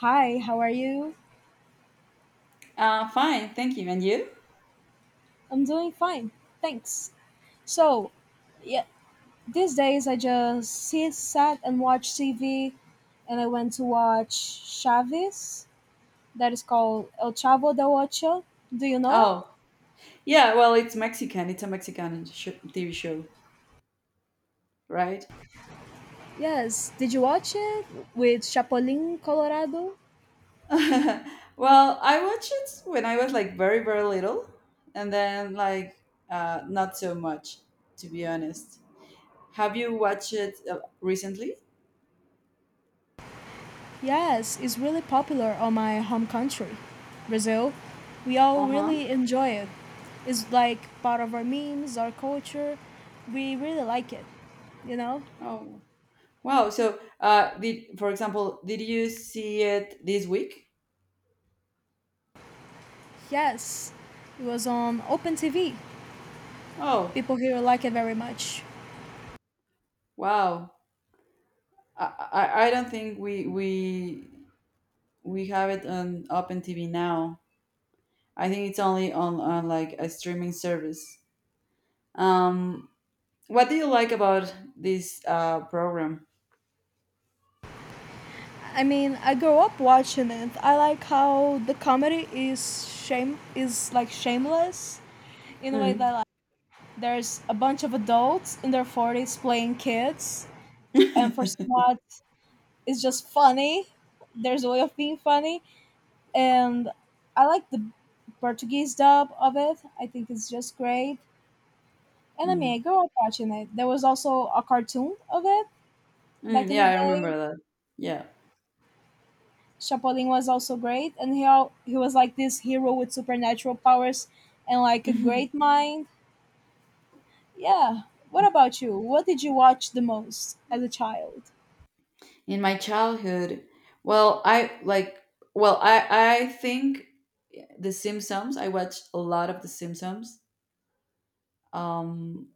Hi, how are you? Fine, thank you. And you? I'm doing fine, thanks. So, yeah, these days I just sit, sat, and watch TV, and I went to watch Chavez. That is called El Chavo del Ocho. Do you know it? Oh, yeah, well, it's Mexican. It's a Mexican TV show, right? Yes. Did you watch it with Chapolin Colorado? Well, I watched it when I was like very, very little, and then not so much, to be honest. Have you watched it recently? Yes, it's really popular on my home country, Brazil. We all Uh huh. really enjoy it. It's like part of our memes, our culture. We really like it, you know? Oh, wow. So, did you see it this week? Yes, it was on Open TV. Oh, People here like it very much. wow. I I don't think we have it on Open TV now. I think it's only on like a streaming service. Um, what do you like about this program? I mean, I grew up watching it. I like how the comedy is like shameless in a way that Mm, there's a bunch of adults in their 40s playing kids, and for some odd it's just funny. There's a way of being funny, and I like the Portuguese dub of it. I think it's just great. And I mean, I mm, grew up watching it. There was also a cartoon of it back in the yeah, I day. remember that. Yeah. Chapolin was also great, and he was like this hero with supernatural powers and like a great mind. Yeah. What about you? What did you watch the most as a child? In my childhood, well, I like, well, I think The Simpsons. I watched a lot of The Simpsons. Um,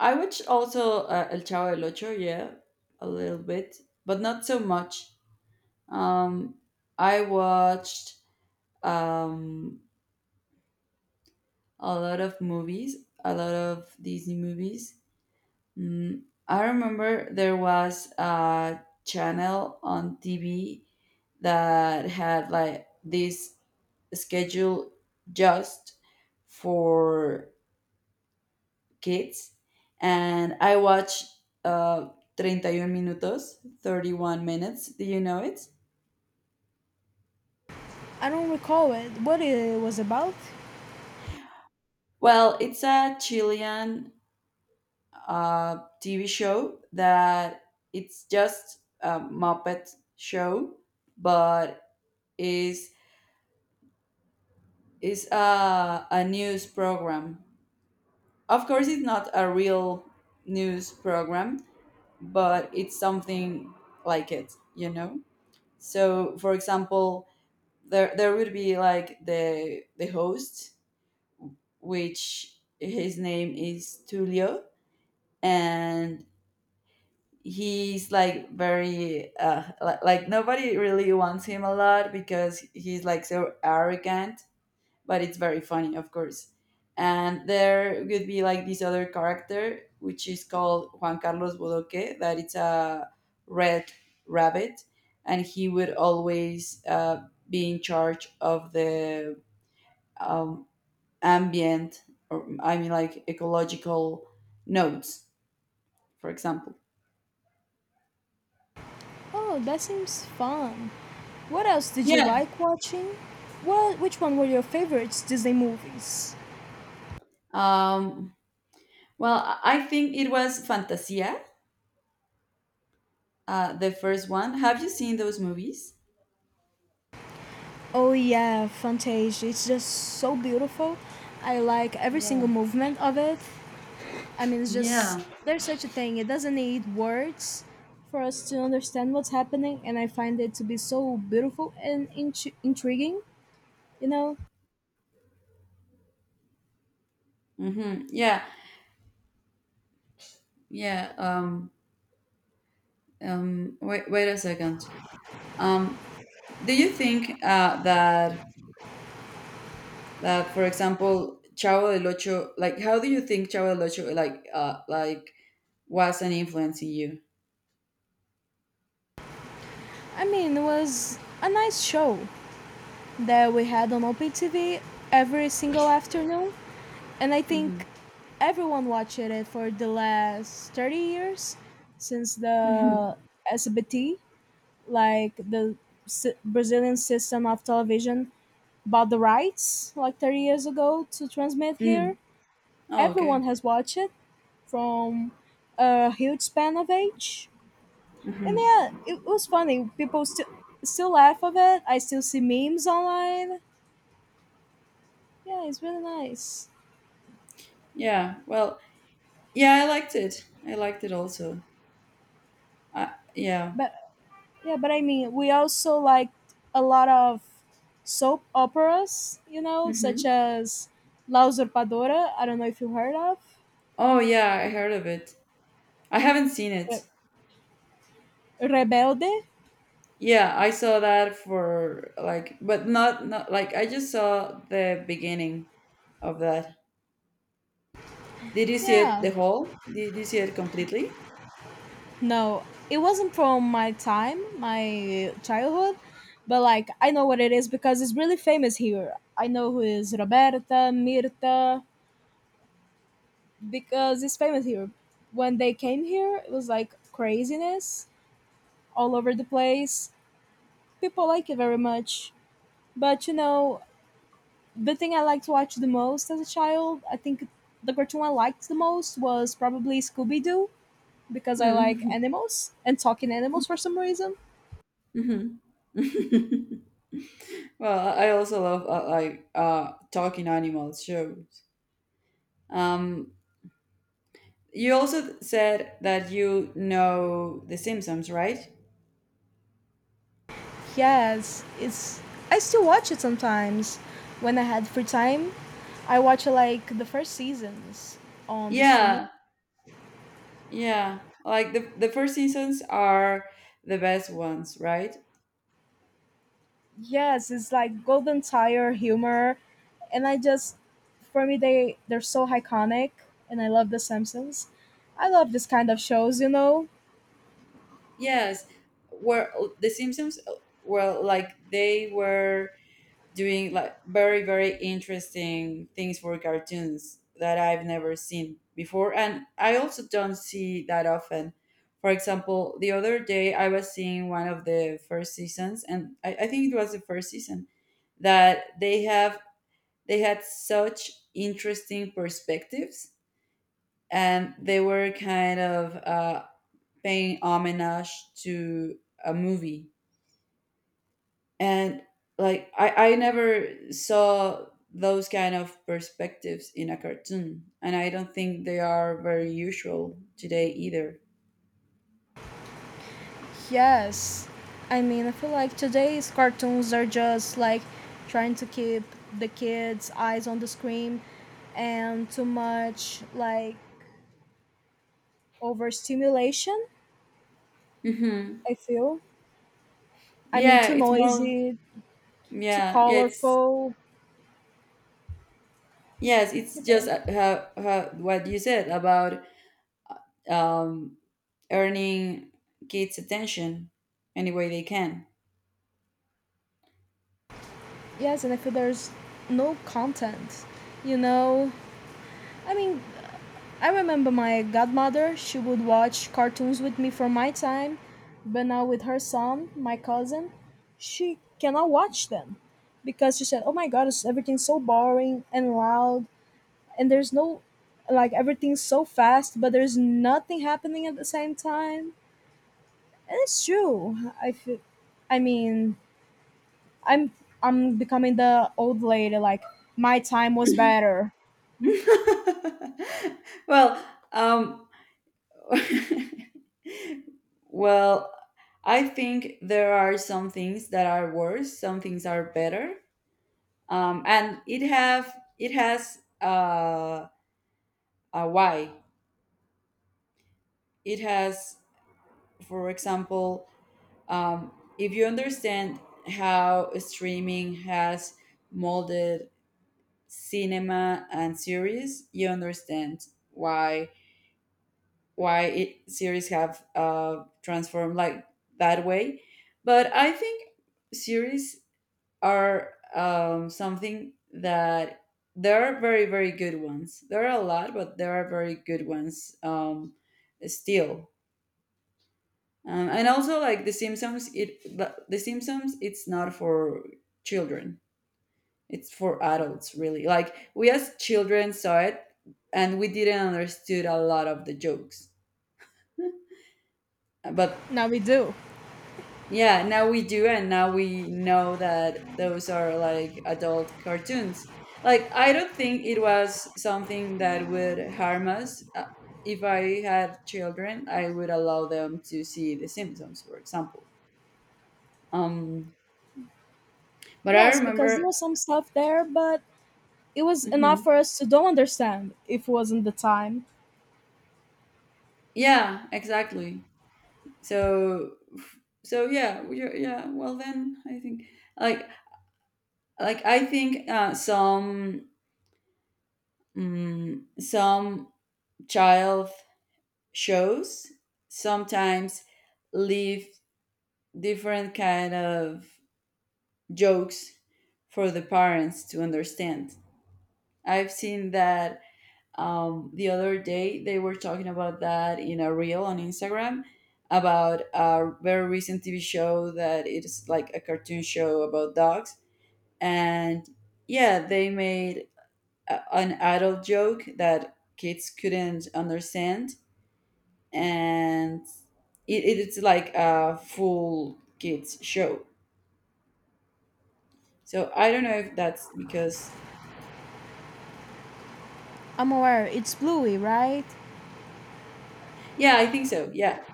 I watched also El Chavo del Ocho. Yeah, a little bit, but not so much. Um, I watched. Um, a lot of movies, a lot of Disney movies. Mm, I remember there was a channel on TV that had like this schedule just for kids, and I watched uh, treinta y un Minutos, 31 Minutes. Do you know it? I don't recall it. What it was about? Well, it's a Chilean TV show that it's just a Muppet show, but is is a news program. Of course, it's not a real news program, but it's something like it, you know. So, for example, there would be like the host, which his name is Tulio, and he's like very like nobody really wants him a lot because he's like so arrogant, but it's very funny, of course. And there could be like this other character, which is called Juan Carlos Bodoque, that it's a red rabbit. And he would always be in charge of the um, ambient, or I mean like ecological nodes, for example. Oh, that seems fun. What else did you Yeah. like watching? What which one were your favorites Disney movies? um Well, I think it was Fantasia, the first one. Have you seen those movies? Oh yeah, Fantasia. It's just so beautiful. I like every single Yeah. movement of it. I mean, it's Yeah. just there's such a thing. It doesn't need words for us to understand what's happening, and I find it to be so beautiful and intriguing. You know, Mm-hmm. Yeah. Yeah. Wait, wait a second. Um, do you think that for example, Chavo del Ocho, like how do you think Chavo del Ocho like was an influence in you? I mean, it was a nice show that we had on OpenTV every single afternoon, and I Mm-hmm. think everyone watched it for the last 30 years since Mm-hmm. the SBT, like the Brazilian system of television bought the rights like 30 years ago to transmit here. Mm. Oh, okay. Everyone has watched it from a huge span of age. And Mm-hmm. yeah, it was funny. People still laugh of it. I still see memes online. Yeah, it's really nice. Yeah. Well, yeah, I liked it. I liked it also. Yeah. But yeah, but I mean, we also liked a lot of soap operas, you know, such Mm-hmm. as La Usurpadora. I don't know if you heard of Oh yeah, I heard of it. I haven't seen Re- it. Rebelde. Yeah, I saw that for like, but not like I just saw the beginning of that. Did you see it Yeah, the whole? Did you see it completely? no, it wasn't from my time, my childhood, but like I know what it is because it's really famous here. I know who is Roberta, Mirta, because it's famous here. When they came here, it was like craziness all over the place. People like it very much. But you know, the thing I liked to watch the most as a child, I think the cartoon I liked the most was probably Scooby Doo because I like Mm-hmm. animals and talking animals for some reason. Well, I also love like talking animals shows. Um, you also said that you know The Simpsons, right? Yes, it's. I still watch it sometimes. When I had free time, I watch like the first seasons on the streaming. Yeah, yeah. Like the first seasons are the best ones, right? Yes, it's like Golden Tire humor, and I just, for me, they're so iconic, and I love The Simpsons. I love this kind of shows, you know. Yes, were the Simpsons were like they were doing like very very interesting things for cartoons that I've never seen before, and I also don't see that often. For example, the other day I was seeing one of the first seasons, and I think it was the first season that they had such interesting perspectives, and they were kind of paying homage to a movie, and like I never saw those kind of perspectives in a cartoon, and I don't think they are very usual today either. Yes, I mean, I feel like today's cartoons are just like trying to keep the kids' eyes on the screen, and too much like overstimulation, Hmm. I feel. I mean, Yeah, too it's more. noisy, too Yeah, it's, colorful. yes, it's Keep just going. how what you said about um earning kids attention any way they can. Yes, and I feel there's no content. You know, I mean, I remember my godmother, she would watch cartoons with me for my time, but now with her son, my cousin, she cannot watch them because she said, "Oh my god, it's everything's so boring and loud, and there's no like everything's so fast, but there's nothing happening at the same time." And it's true. I feel, I mean, I'm I'm becoming the old lady. Like my time was better. well um Well, I think there are some things that are worse, some things are better, and it has a why. It has, for example, um, if you understand how streaming has molded cinema and series, you understand why why it series have transformed like that way. But I think series are something that there are very very good ones, there are a lot, but there are very good ones still. And also like the Simpsons, it the Simpsons, it's not for children, it's for adults really. Like we as children saw it and we didn't understood a lot of the jokes, but Now we do. yeah, now we do, and now we know that those are like adult cartoons. Like, I don't think it was something that would harm us. If I had children, I would allow them to see The Simpsons, for example. Um, but I Yes, because there remember, was some stuff there, but it was enough mhm, for us to don't understand if it wasn't the time. yeah, exactly. So, so yeah, yeah. Well, then I think like like I think some child shows sometimes leave different kind of jokes for the parents to understand. I've seen that. The other day they were talking about that in a reel on Instagram, about a very recent TV show that it's like a cartoon show about dogs. And yeah, they made an adult joke that kids couldn't understand, and it's like a full kids show. So I don't know if that's because I'm aware. It's Bluey, right? yeah, I think so. Yeah.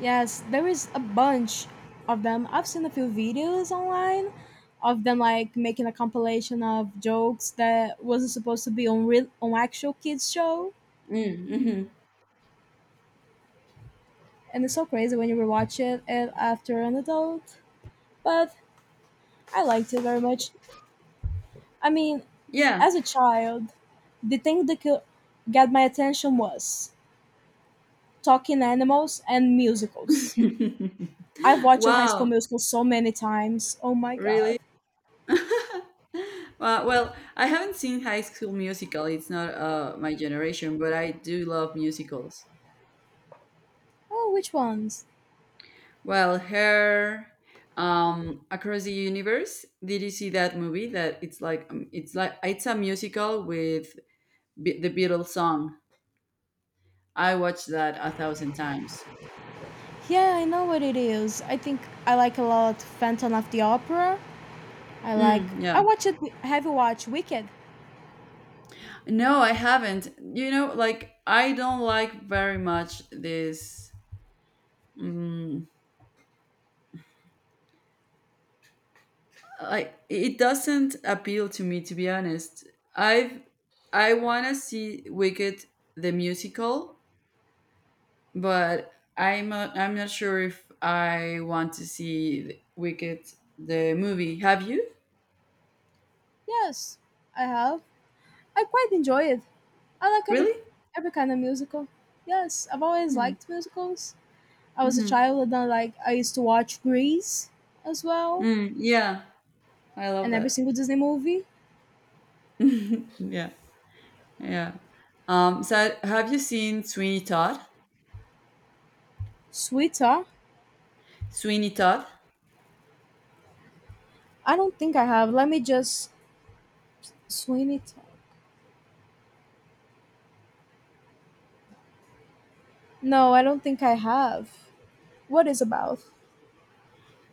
Yes, there is a bunch of them. I've seen a few videos online of them like making a compilation of jokes that wasn't supposed to be on actual kids show, Mm, mm-hmm. and it's so crazy when you rewatch it after an adult. But I liked it very much. I mean, Yeah. as a child, the thing that could get my attention was talking animals and musicals. I've watched High School Wow. Musical so many times. Oh my god. Really? Well, I haven't seen High School Musical. It's not my generation, but I do love musicals. Oh, which ones? Well, her Across the Universe. Did you see that movie? That it's like it's a musical with the Beatles song. I watched that a thousand times. Yeah, I know what it is. I think I like a lot Phantom of the Opera. I like. Mm, I yeah. watch it. Have you watched Wicked? No, I haven't. You know, like I don't like very much this. Mm, like it doesn't appeal to me, to be honest. I've I want to see Wicked the musical, but I'm not sure if I want to see Wicked the movie. Have you Yes, I have. I quite enjoy it. I like really? every kind of musical. Yes, I've always liked musicals. I was a Mm-hmm. child and I used to watch Grease as well Mm, yeah, I love and every that. single Disney movie. Yeah. Yeah. So have you seen Sweeney Todd? Sweeter. Sweeney Todd? I don't think I have. Let me just Sweeney Todd. No, I don't think I have. What is about?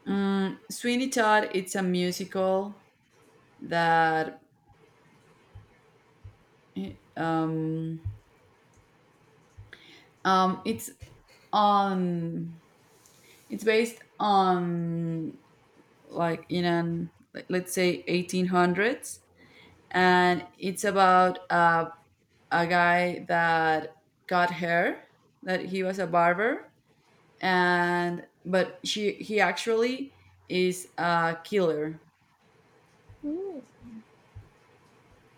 Mm, Sweeney Todd, it's a musical that um, um, it's on, it's based on like in an, like, let's say 1800s. And it's about a guy that got hair, that he was a barber. And, but he actually is a killer. Mm.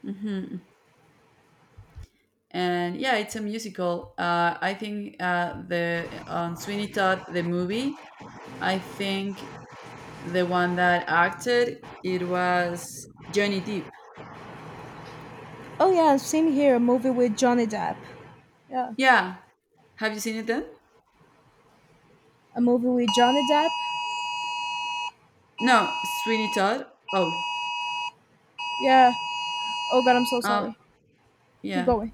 Hmm. And yeah, it's a musical. I think the on Sweeney Todd the movie, I think the one that acted it was Johnny Depp. Oh yeah, same here. A movie with Johnny Depp. Yeah, Yeah, have you seen it then? a movie with Johnny Depp. No, Sweeney Todd. Oh, Yeah. Oh god, I'm so uh, sorry. Keep yeah. going.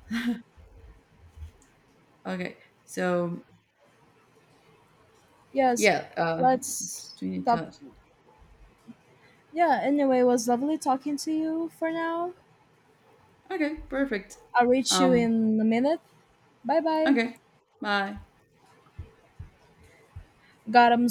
Okay, so Yes. yeah, uh, Let's Sweeney stop. Todd. Yeah, anyway, it was lovely talking to you for now. Okay, perfect. I'll reach you Um, in a minute. Bye bye. okay, bye. God, I'm